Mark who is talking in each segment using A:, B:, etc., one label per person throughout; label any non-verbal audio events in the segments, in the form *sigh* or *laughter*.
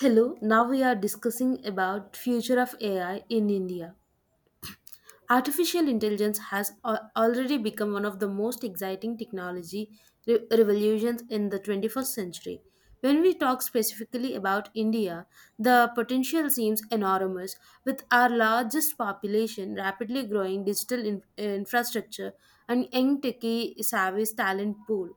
A: Hello, now we are discussing about future of AI in India. Artificial intelligence has already become one of the most exciting technology revolutions in the 21st century. When we talk specifically about India, the potential seems enormous with our largest population, rapidly growing digital infrastructure, and young techie savvy talent pool.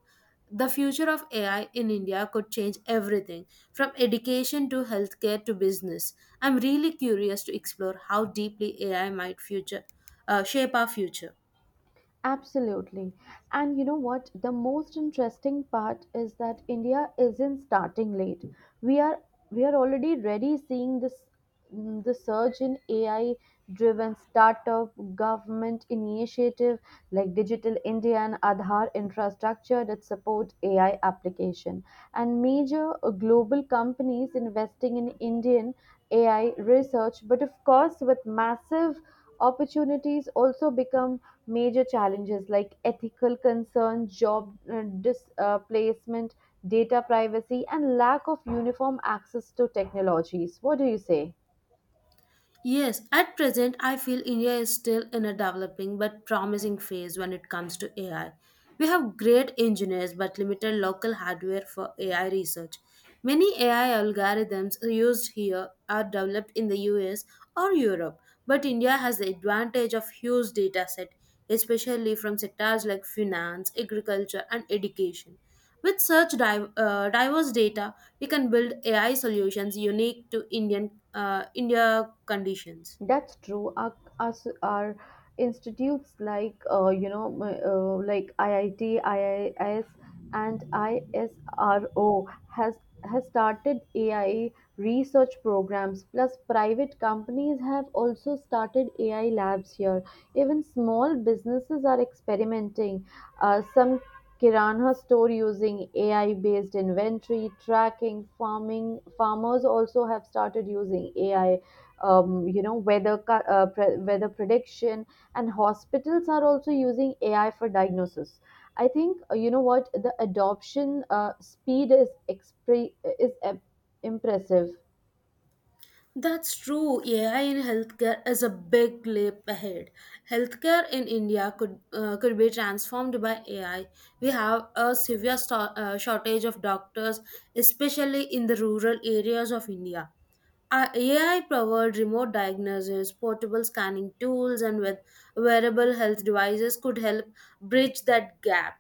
A: The future of AI in India could change everything from education to healthcare to business. I'm really curious to explore how deeply AI might future shape our future.
B: Absolutely. And you know what? The most interesting part is that India isn't starting late. We are we are already ready seeing this the surge in AI driven startup government initiative like Digital India and Aadhaar infrastructure that support AI application, and major global companies investing in Indian AI research. But of course, with massive opportunities also become major challenges like ethical concerns, job displacement, data privacy, and lack of uniform access to technologies. What do you say?
A: Yes, at present, I feel India is still in a developing but promising phase when it comes to AI. We have great engineers but limited local hardware for AI research. Many AI algorithms used here are developed in the US or Europe, but India has the advantage of huge dataset, especially from sectors like finance, agriculture, and education. With such diverse data, we can build AI solutions unique to India conditions.
B: That's true. Our institutes like like IIT, IIS, and ISRO has has started AI research programs. Plus, private companies have also started AI labs here. Even small businesses are experimenting. Some kirana store using AI based inventory tracking. Farming farmers also have started using AI weather prediction, and hospitals are also using AI for diagnosis. I think you know what the adoption speed is impressive.
A: That's true. AI in healthcare is a big leap ahead. Healthcare in India could be transformed by AI. We have a severe shortage of doctors, especially in the rural areas of India. AI powered remote diagnosis, portable scanning tools, and with wearable health devices could help bridge that gap.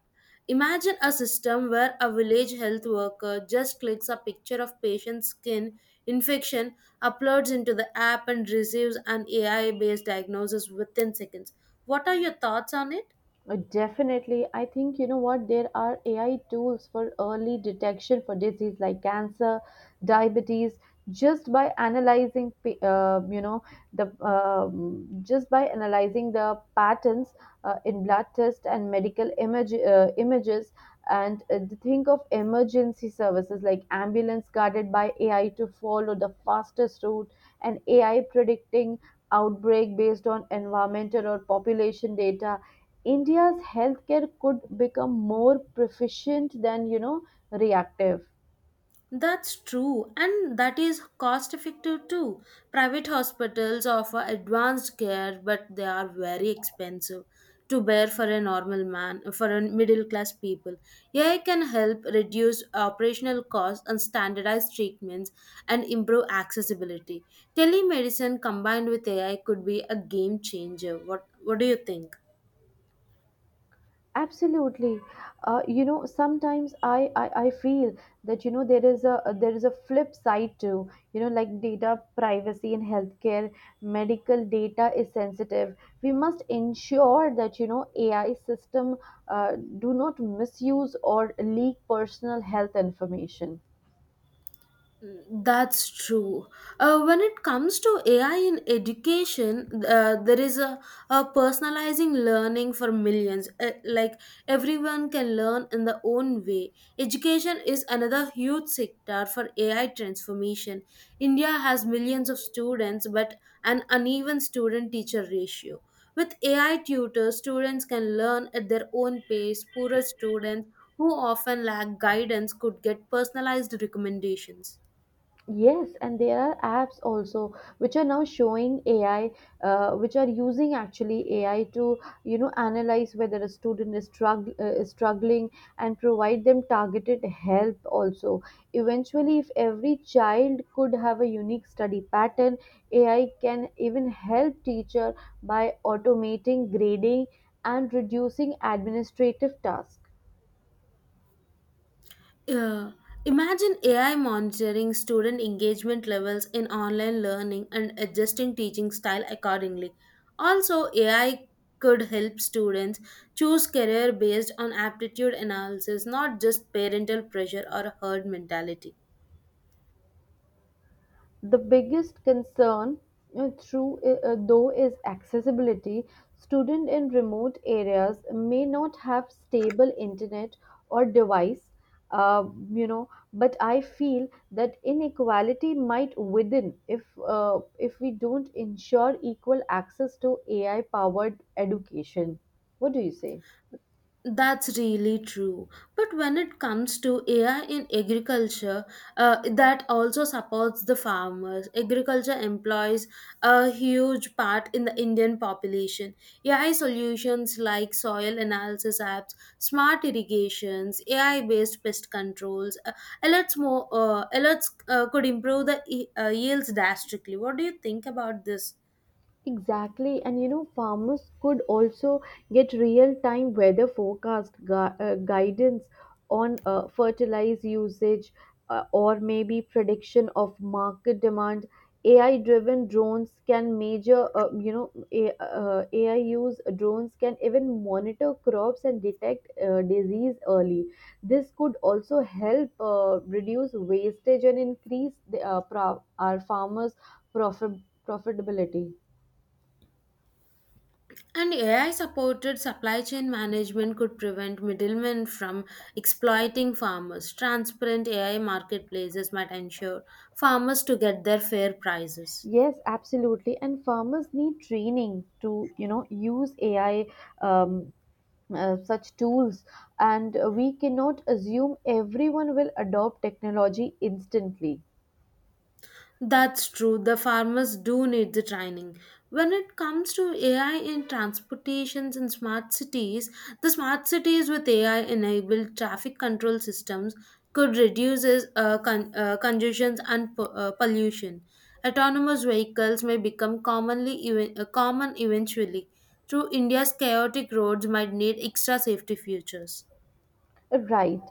A: Imagine a system where a village health worker just clicks a picture of patient's skin infection, uploads into the app, and receives an AI based diagnosis within seconds. What are your thoughts on it?
B: Definitely. I think you know what? There are AI tools for early detection for disease like cancer, diabetes, just by analyzing, pa- you know, the just by analyzing the patterns in blood tests and images, and the think of emergency services like ambulance guided by AI to follow the fastest route, and AI predicting outbreak based on environmental or population data. India's healthcare could become more proficient than, you know, reactive.
A: That's true, and that is cost effective too. Private hospitals offer advanced care, but they are very expensive to bear for a normal man, for a middle class people. AI can help reduce operational costs and standardize treatments and improve accessibility. Telemedicine combined with AI could be a game changer. What do you think?
B: Absolutely. You know, sometimes I feel that, you know, there is a flip side too. You know, like data privacy in healthcare, medical data is sensitive. We must ensure that, you know, AI system do not misuse or leak personal health information.
A: That's true. When it comes to AI in education, there is a personalizing learning for millions. Like everyone can learn in their own way. Education is another huge sector for AI transformation. India has millions of students, but an uneven student teacher ratio. With AI tutors, students can learn at their own pace. Poorer students who often lack guidance could get personalized recommendations.
B: Yes, and there are apps also which are now showing AI, which are using actually AI to, you know, analyze whether a student is struggling, and provide them targeted help. Also, eventually, if every child could have a unique study pattern, AI can even help teacher by automating grading and reducing administrative tasks.
A: Yeah. Imagine AI monitoring student engagement levels in online learning and adjusting teaching style accordingly. Also, AI could help students choose career based on aptitude analysis, not just parental pressure or herd mentality.
B: The biggest concern through though, is accessibility. Student in remote areas may not have stable internet or device, you know, but I feel that inequality might widen if we don't ensure equal access to AI powered education. What do you say?
A: That's really true. But when it comes to AI in agriculture, that also supports the farmers. Agriculture employs a huge part in the Indian population. AI solutions like soil analysis apps, smart irrigations, AI based pest controls, alerts, more, alerts could improve the yields drastically. What do you think about this?
B: Exactly, and you know, farmers could also get real-time weather forecast guidance on fertilizer usage, or maybe prediction of market demand. AI-driven drones can measure, you know, A, AI use drones can even monitor crops and detect disease early. This could also help reduce wastage and increase our farmers' profit- profitability.
A: And AI supported supply chain management could prevent middlemen from exploiting farmers. Transparent AI marketplaces might ensure farmers to get their fair prices.
B: Yes, absolutely. And farmers need training to, you know, use AI um, such tools, and we cannot assume everyone will adopt technology instantly.
A: That's true. The farmers do need the training. When it comes to AI in transportations and smart cities, the smart cities with AI enabled traffic control systems could reduce congestions and pollution. Autonomous vehicles may become common eventually. Through India's chaotic roads might need extra safety features.
B: Right.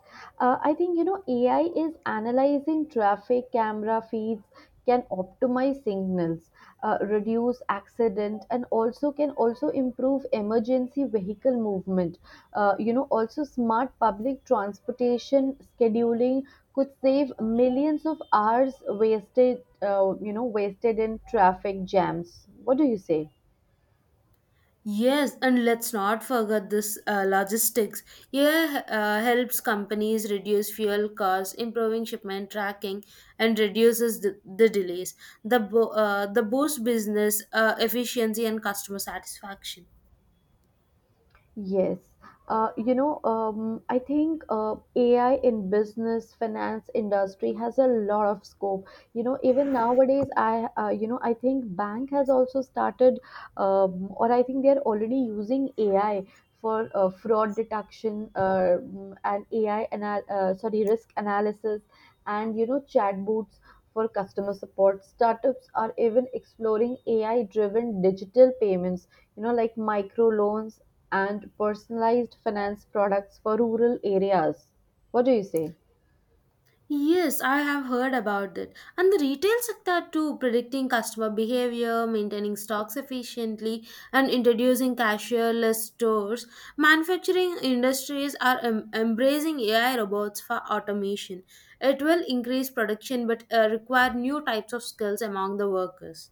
B: I think, you know, AI is analyzing traffic camera feeds, can optimize signals, reduce accident, and also can also improve emergency vehicle movement. You know, also smart public transportation scheduling could save millions of hours wasted, wasted in traffic jams. What do you say?
A: Yes, and let's not forget this logistics. AI helps companies reduce fuel costs, improving shipment tracking, and reduces the delays. The boost business efficiency and customer satisfaction.
B: Yes. I think AI in business, finance industry has a lot of scope. You know, even nowadays, I think bank has also started, or I think they're already using AI for fraud detection, and risk analysis, and, you know, chatbots for customer support. Startups are even exploring AI-driven digital payments, you know, like micro loans and personalized finance products for rural areas. What do you say?
A: Yes, I have heard about that. And the retail sector too, predicting customer behavior, maintaining stocks efficiently, and introducing cashierless stores. Manufacturing industries are embracing AI robots for automation. It will increase production but require new types of skills among the workers.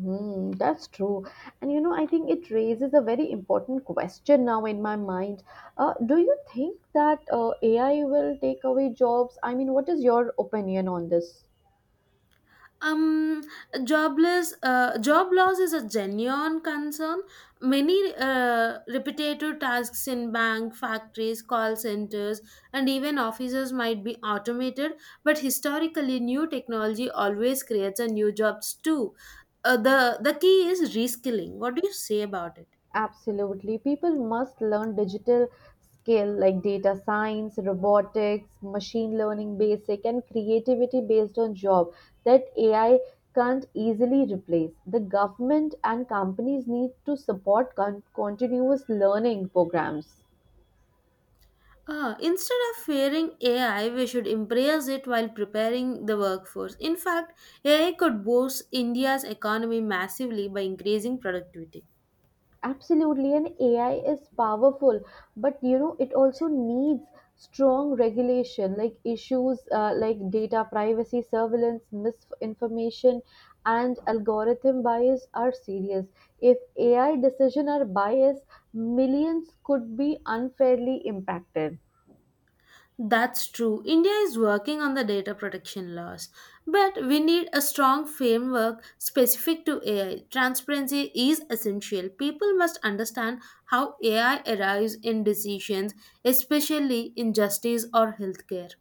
B: Hmm, that's true. And you know, I think it raises a very important question now in my mind. Do you think that AI will take away jobs? I mean, what is your opinion on this?
A: um job loss is a genuine concern. Many repetitive tasks in bank factories call centers and even offices might be automated, but historically new technology always creates a new jobs too. The key is reskilling. What do you say about it?
B: Absolutely. People must learn digital skill like data science, robotics, machine learning basic and creativity based on job that AI can't easily replace. The government and companies need to support continuous learning programs.
A: Ah, instead of fearing AI, we should embrace it while preparing the workforce. In fact, AI could boost India's economy massively by increasing productivity.
B: Absolutely, and AI is powerful, but you know it also needs strong regulation, like issues like data privacy, surveillance, misinformation, and algorithm bias are serious. If AI decision are biased, millions could be unfairly impacted.
A: That's true. India is working on the data protection laws, but we need a strong framework specific to AI. Transparency is essential. People must understand how AI arrives in decisions, especially in justice or healthcare.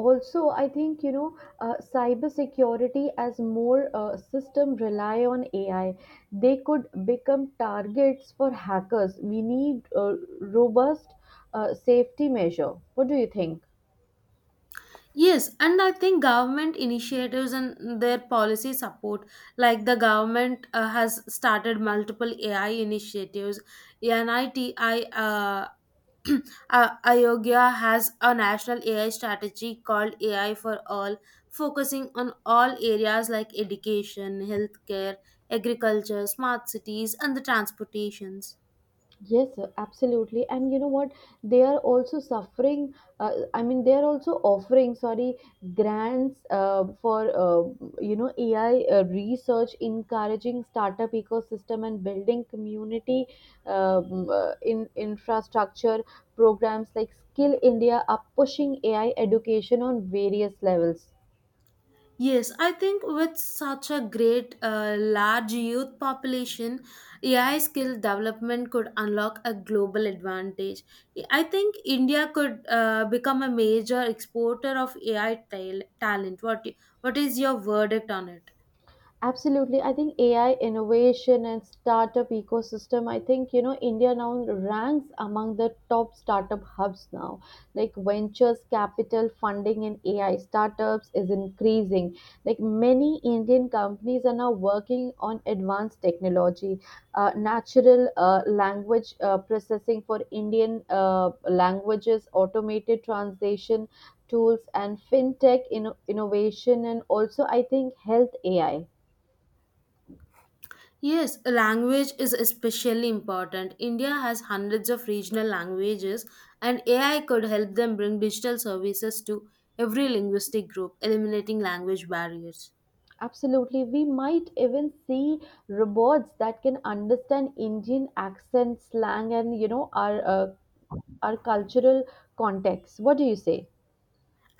B: Also, I think, you know, cyber security, as more system rely on AI, they could become targets for hackers. We need a robust safety measure. What do you think?
A: Yes, and I think government initiatives and their policy support, like the government has started multiple AI initiatives. NITI uh, *clears throat* Ayogya has a national AI strategy called AI for All, focusing on all areas like education, healthcare, agriculture, smart cities, and the transportations.
B: Yes, sir, absolutely. And you know what? They are also suffering. I mean, they are also offering, sorry, grants for you know, AI research, encouraging startup ecosystem and building community in infrastructure. Programs like Skill India are pushing AI education on various levels.
A: Yes, I think with such a great large youth population, AI skill development could unlock a global advantage. I think India could become a major exporter of AI talent. What is your verdict on it?
B: Absolutely. I think AI innovation and startup ecosystem, I think, you know, India now ranks among the top startup hubs now. Like ventures capital funding in AI startups is increasing. Like many Indian companies are now working on advanced technology, natural language processing for Indian languages, automated translation tools, and fintech innovation, and also, I think, health AI.
A: Yes, language is especially important. India has hundreds of regional languages, and AI could help them bring digital services to every linguistic group, eliminating language barriers.
B: Absolutely. We might even see robots that can understand Indian accent, slang, and you know our cultural context. What do you say?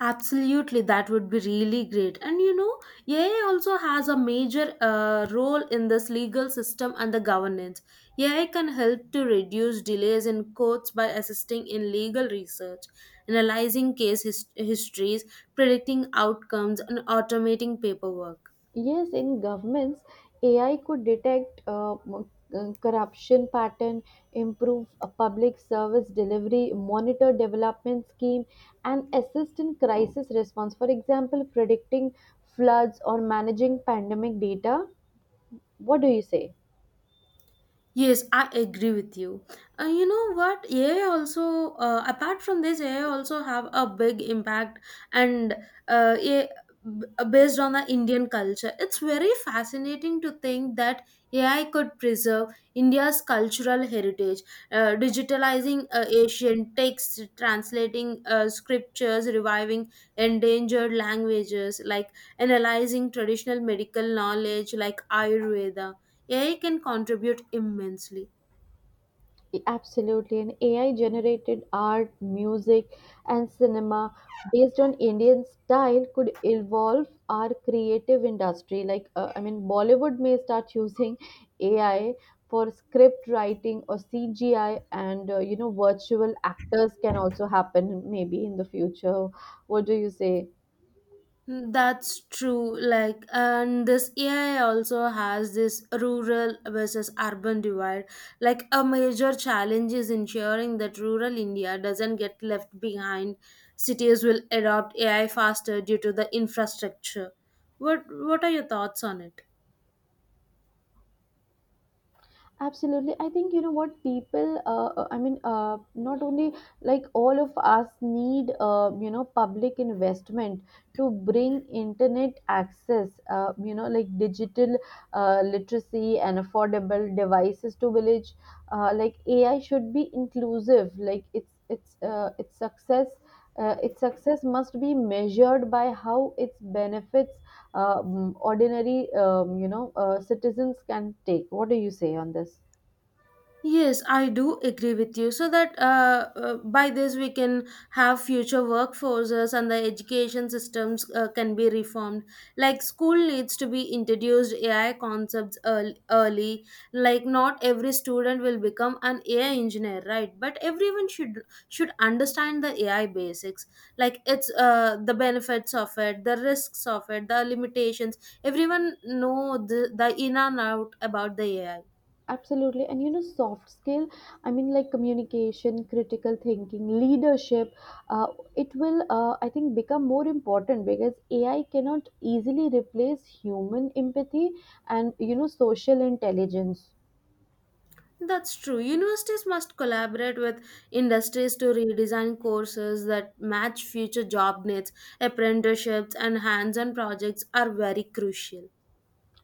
A: Absolutely, that would be really great. And AI also has a major role in this legal system and the governance. AI can help to reduce delays in courts by assisting in legal research, analyzing case histories, predicting outcomes, and automating paperwork.
B: Yes, in governments, AI could detect corruption pattern, improve public service delivery, monitor development scheme, and assist in crisis response. For example, predicting floods or managing pandemic data. What do you say?
A: Yes, I agree with you. You know what? AI also, apart from this, AI also have a big impact, and uh, a- based on the Indian culture, it's very fascinating to think that AI could preserve India's cultural heritage, digitalizing ancient texts, translating scriptures, reviving endangered languages, like analyzing traditional medical knowledge like Ayurveda, AI can contribute immensely.
B: Absolutely, and AI generated art, music, and cinema based on Indian style could evolve our creative industry. Like, I mean, Bollywood may start using AI for script writing or CGI, and you know, virtual actors can also happen maybe in the future. What do you say?
A: Hmm. That's true. Like, and this AI also has this rural versus urban divide. Like, a major challenge is ensuring that rural India doesn't get left behind. Cities will adopt AI faster due to the infrastructure. What are your thoughts on it?
B: Absolutely. I think you know what people, I mean, not only like all of us need, you know, public investment to bring internet access, you know, like digital literacy and affordable devices to village. Like AI should be inclusive. Like it's its success. Its success must be measured by how its benefits ordinary you know citizens can take. What do you say on this?
A: Yes, I do agree with you. So that by this we can have future workforces and the education systems can be reformed. Like school needs to be introduced AI concepts early. Like not every student will become an AI engineer, right? But everyone should understand the AI basics. Like it's the benefits of it, the risks of it, the limitations. Everyone know the in and out about the AI.
B: Absolutely. And you know, soft skill, I mean, like communication, critical thinking, leadership, uh, it will, I think, become more important because AI cannot easily replace human empathy and, you know, social intelligence.
A: That's true. Universities must collaborate with industries to redesign courses that match future job needs. Apprenticeships and hands on projects are very crucial.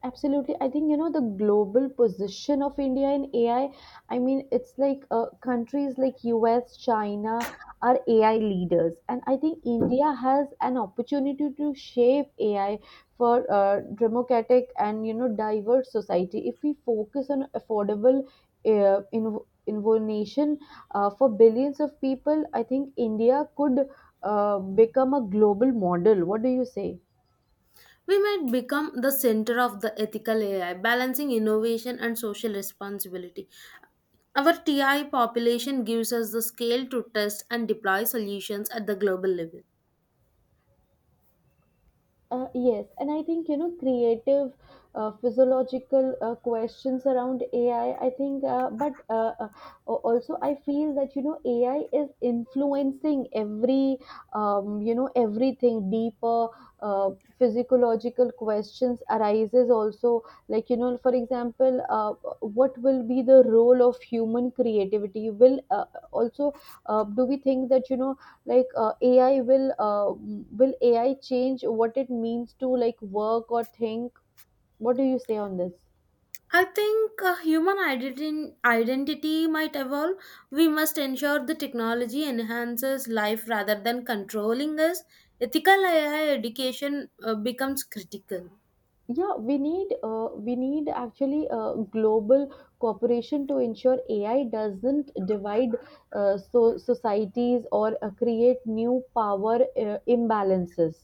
B: Absolutely. I think, you know, the global position of India in AI, I mean, it's like countries like US, China are AI leaders. And I think India has an opportunity to shape AI for democratic and, you know, diverse society. If we focus on affordable in innovation for billions of people, I think India could become a global model. What do you say?
A: We might become the center of the ethical AI, balancing innovation and social responsibility. Our TI population gives us the scale to test and deploy solutions at the global level.
B: Yes, and I think you know creative, physiological questions around AI. I think, also I feel that you know AI is influencing every, you know, everything deeper. Uh, Physiological questions arises also like, you know, for example, what will be the role of human creativity? Will also, do we think that, you know, like ai will AI change what it means to like work or think? What do you say on this?
A: I think human identity might evolve. We must ensure the technology enhances life rather than controlling us. Ethical AI education becomes critical.
B: Yeah, we need actually a global cooperation to ensure AI doesn't divide so societies or create new power imbalances.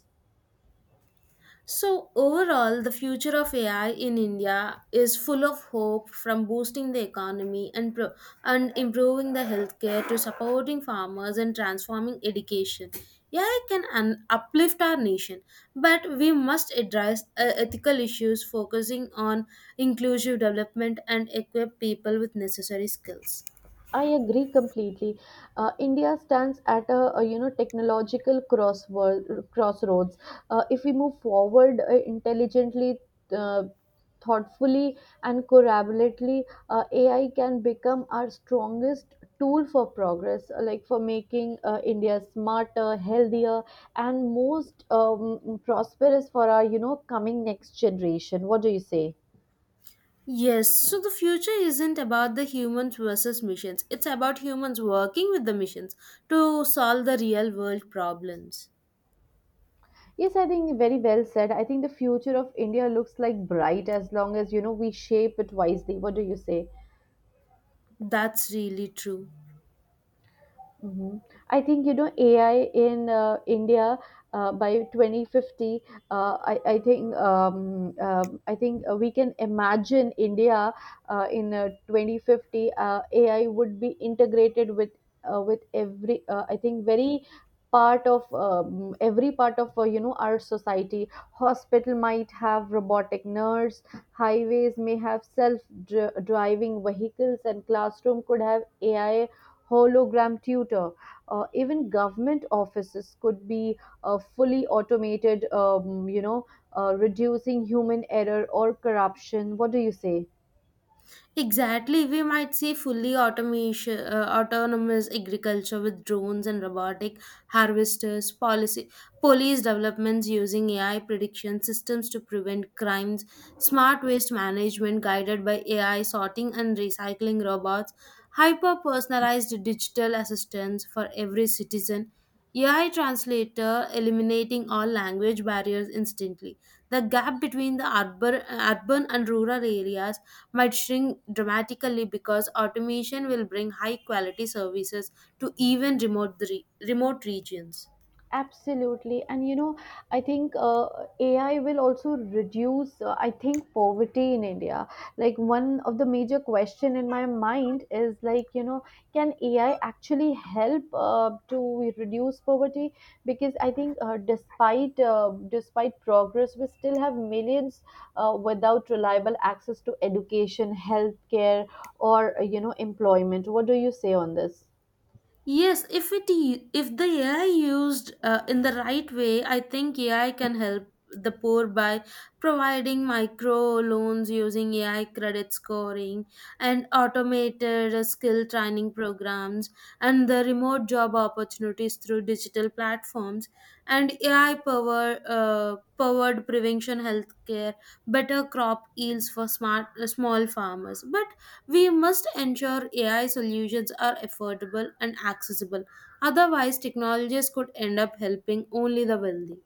A: So, overall, the future of AI in India is full of hope, from boosting the economy and improving the healthcare to supporting farmers and transforming education. AI can uplift our nation, but we must address ethical issues focusing on inclusive development and equip people with necessary skills.
B: I agree completely. India stands at a you know technological crossroads. If we move forward intelligently, uh, thoughtfully, and collaboratively, AI can become our strongest tool for progress, like for making India smarter, healthier, and most prosperous for our, you know, coming next generation. What do you say?
A: Yes, so the future isn't about the humans versus missions. It's about humans working with the missions to solve the real world problems.
B: Yes, I think very well said. I think the future of India looks like bright as long as, you know, we shape it wisely. What do you say?
A: That's really true.
B: Hmm. I think you know AI in India by 2050. I think we can imagine India in 2050. AI would be integrated with every. I think very part of every part of you know our society. Hospital might have robotic nurse, highways may have driving vehicles, and classroom could have AI hologram tutor. Even government offices could be fully automated, you know, reducing human error or corruption. What do you say?
A: Exactly, we might see fully automation, autonomous agriculture with drones and robotic harvesters, police developments using AI prediction systems to prevent crimes, smart waste management guided by AI sorting and recycling robots, hyper personalized digital assistance for every citizen, AI translator eliminating all language barriers instantly. The gap between the urban and rural areas might shrink dramatically because automation will bring high quality services to even remote regions.
B: Absolutely. And you know, I think AI will also reduce, I think, poverty in India. Like one of the major question in my mind is like, you know, can AI actually help to reduce poverty? Because I think despite despite progress, we still have millions without reliable access to education, healthcare, or, employment. What do you say on this?
A: Yes, if it I- if the AI used in the right way, I think AI can help the poor by providing micro loans using AI credit scoring and automated skill training programs and the remote job opportunities through digital platforms and AI powered prevention healthcare, better crop yields for smart small farmers. But we must ensure AI solutions are affordable and accessible. Otherwise, technologies could end up helping only the wealthy.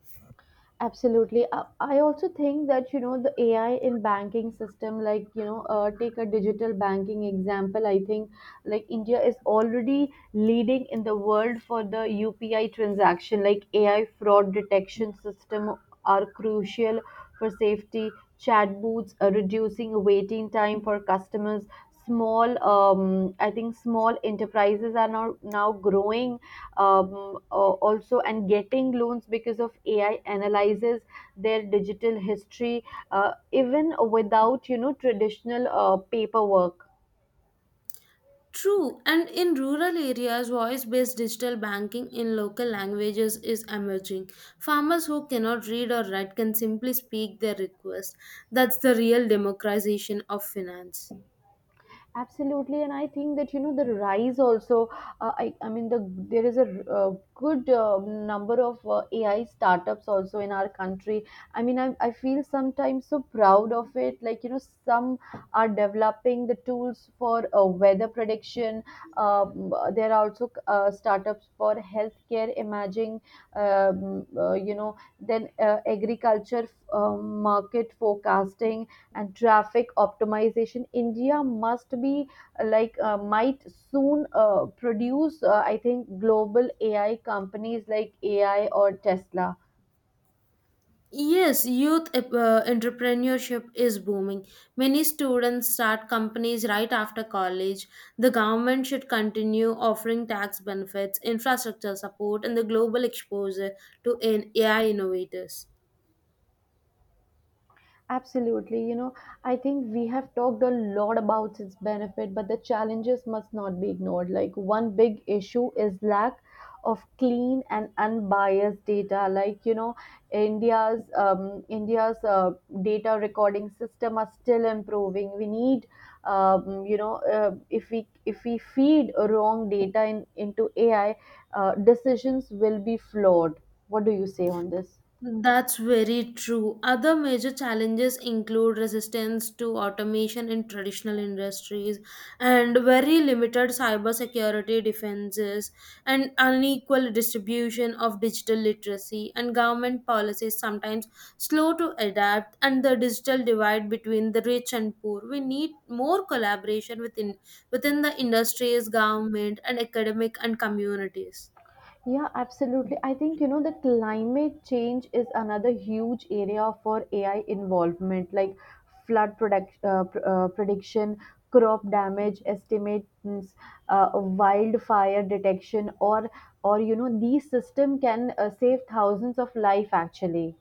B: Absolutely. I also think that, you know, the AI in banking system, like, you know, take a digital banking example. I think like India is already leading in the world for the UPI transaction, like AI fraud detection system are crucial for safety. Chat booths are reducing waiting time for customers. Small, I think small enterprises are now growing also and getting loans because of ai analyzes their digital history even without traditional paperwork.
A: True, and in rural areas, voice based digital banking in local languages is emerging. Farmers who cannot read or write can simply speak their request. That's the real democratization of finance.
B: Absolutely, and I think that you know the rise also. The there is a good number of AI startups also in our country. I mean, I feel sometimes so proud of it. Like some are developing the tools for weather prediction. There are also startups for healthcare imaging. Then agriculture market forecasting and traffic optimization. India must be might soon produce I think global ai companies like ai or tesla.
A: Yes, youth entrepreneurship is booming. Many students start companies right after college. The government should continue offering tax benefits, infrastructure support, and the global exposure to AI innovators.
B: Absolutely. You know, I think we have talked a lot about its benefit, but the challenges must not be ignored. Like one big issue is lack of clean and unbiased data. Like India's data recording system are still improving. We need, if we feed wrong data in, into AI, decisions will be flawed. What do you say on this?
A: That's very true. Other major challenges include resistance to automation in traditional industries and very limited cybersecurity defenses and unequal distribution of digital literacy and government policies sometimes slow to adapt and the digital divide between the rich and poor. We need more collaboration within the industries, government and academic and communities.
B: Yeah, absolutely. I think, you know, the climate change is another huge area for AI involvement, like prediction, crop damage estimates, wildfire detection, or, you know, these system can save thousands of life actually.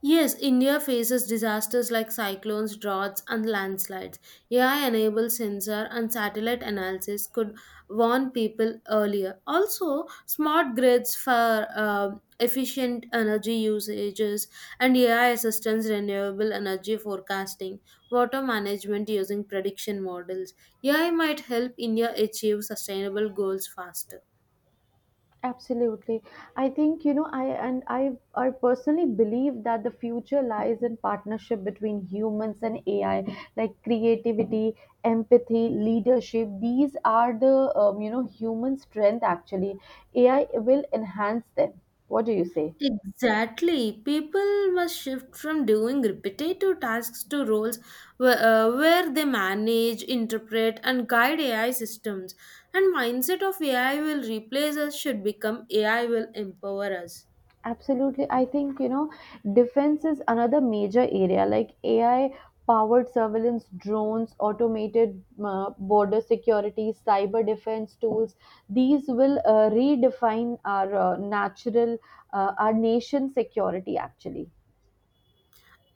A: Yes, India faces disasters like cyclones, droughts, and landslides. AI enabled sensor and satellite analysis could warn people earlier. Also, smart grids for efficient energy usages and AI assistance renewable energy forecasting, water management using prediction models. AI might help India achieve sustainable goals faster.
B: Absolutely. I think, you know, I and I I personally believe that the future lies in partnership between humans and AI, like creativity, empathy, leadership. These are the you know, human strength actually. AI will enhance them. What do you say?
A: Exactly. People must shift from doing repetitive tasks to roles where they manage, interpret, and guide AI systems. And mindset of AI will replace us should become AI will empower us.
B: Absolutely. I think, you know, defense is another major area like AI powered surveillance drones, automated border security, cyber defense tools. These will redefine our our nation's security actually.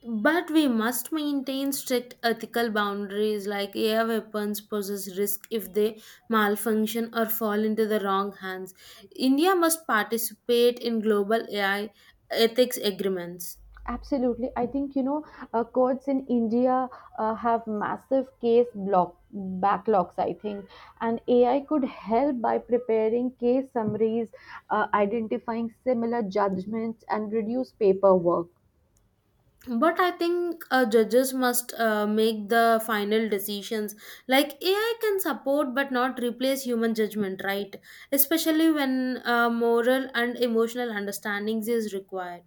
A: But we must maintain strict ethical boundaries like AI weapons poses risk if they malfunction or fall into the wrong hands. India must participate in global AI ethics agreements.
B: Absolutely. I think, you know, courts in India have massive case block backlogs, I think. And AI could help by preparing case summaries, identifying similar judgments, and reduce paperwork.
A: But I think judges must make the final decisions. Like AI can support but not replace human judgment, right? Especially when moral and emotional understandings is required.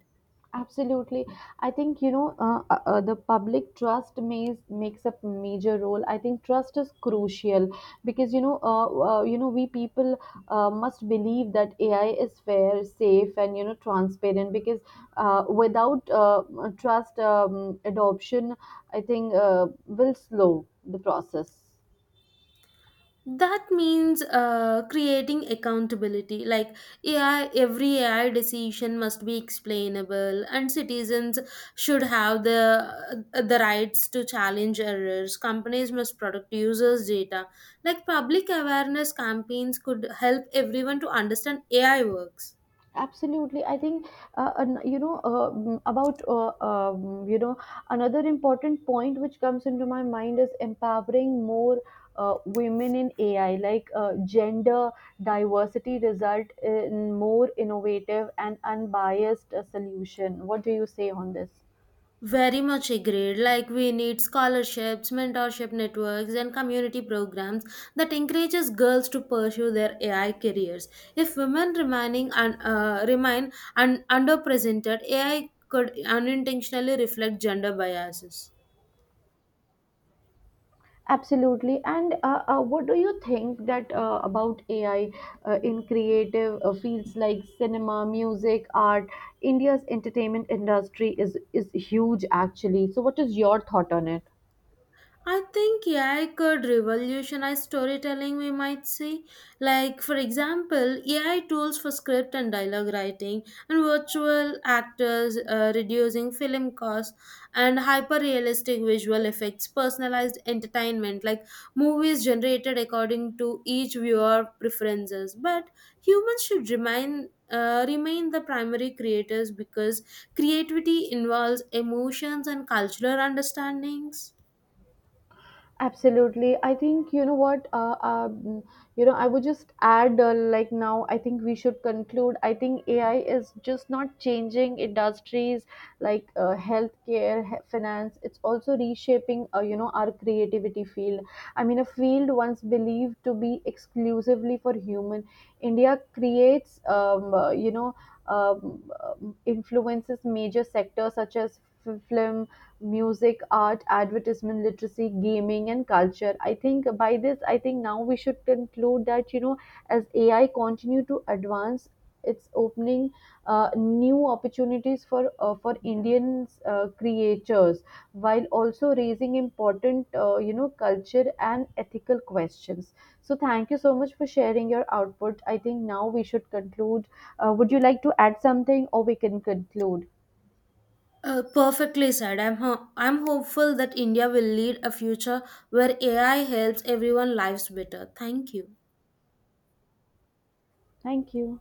B: Absolutely. I think, you know, the public trust makes a major role. I think trust is crucial because, we people must believe that AI is fair, safe and, you know, transparent because without trust adoption, I think will slow the process.
A: That means creating accountability. Like AI, every AI decision must be explainable, and citizens should have the rights to challenge errors. Companies must protect users data. Like public awareness campaigns could help everyone to understand AI works.
B: Absolutely, I think you know, another important point which comes into my mind is empowering more women in ai, like gender diversity result in more innovative and unbiased solution. What do you say on this?
A: Very much agreed. Like we need scholarships, mentorship networks, and community programs that encourages girls to pursue their AI careers. If women remain underrepresented, AI could unintentionally reflect gender biases.
B: Absolutely. And what do you think that about AI in creative fields like cinema, music, art? India's entertainment industry is huge actually. So what is your thought on it?
A: I think AI could revolutionize storytelling, we might say. Like, for example, AI tools for script and dialogue writing, and virtual actors reducing film costs, and hyper realistic visual effects, personalized entertainment, like movies generated according to each viewer preferences. But humans should remain. Remain the primary creators because creativity involves emotions and cultural understandings.
B: Absolutely. I think, you know what, mm, you know, I would just add, like now, I think we should conclude. I think AI is just not changing industries like finance. It's also reshaping, you know, our creativity field. I mean, a field once believed to be exclusively for human, India creates, influences major sectors such as film, music, art, advertisement, literacy, gaming, and culture. I think by this, I think now we should conclude that you know, as AI continue to advance, it's opening new opportunities for Indian creators, while also raising important you know culture and ethical questions. So thank you so much for sharing your output. I think now we should conclude. Would you like to add something, or we can conclude?
A: Perfectly said. I'm I'm hopeful that India will lead a future where AI helps everyone lives better. Thank you.
B: Thank you.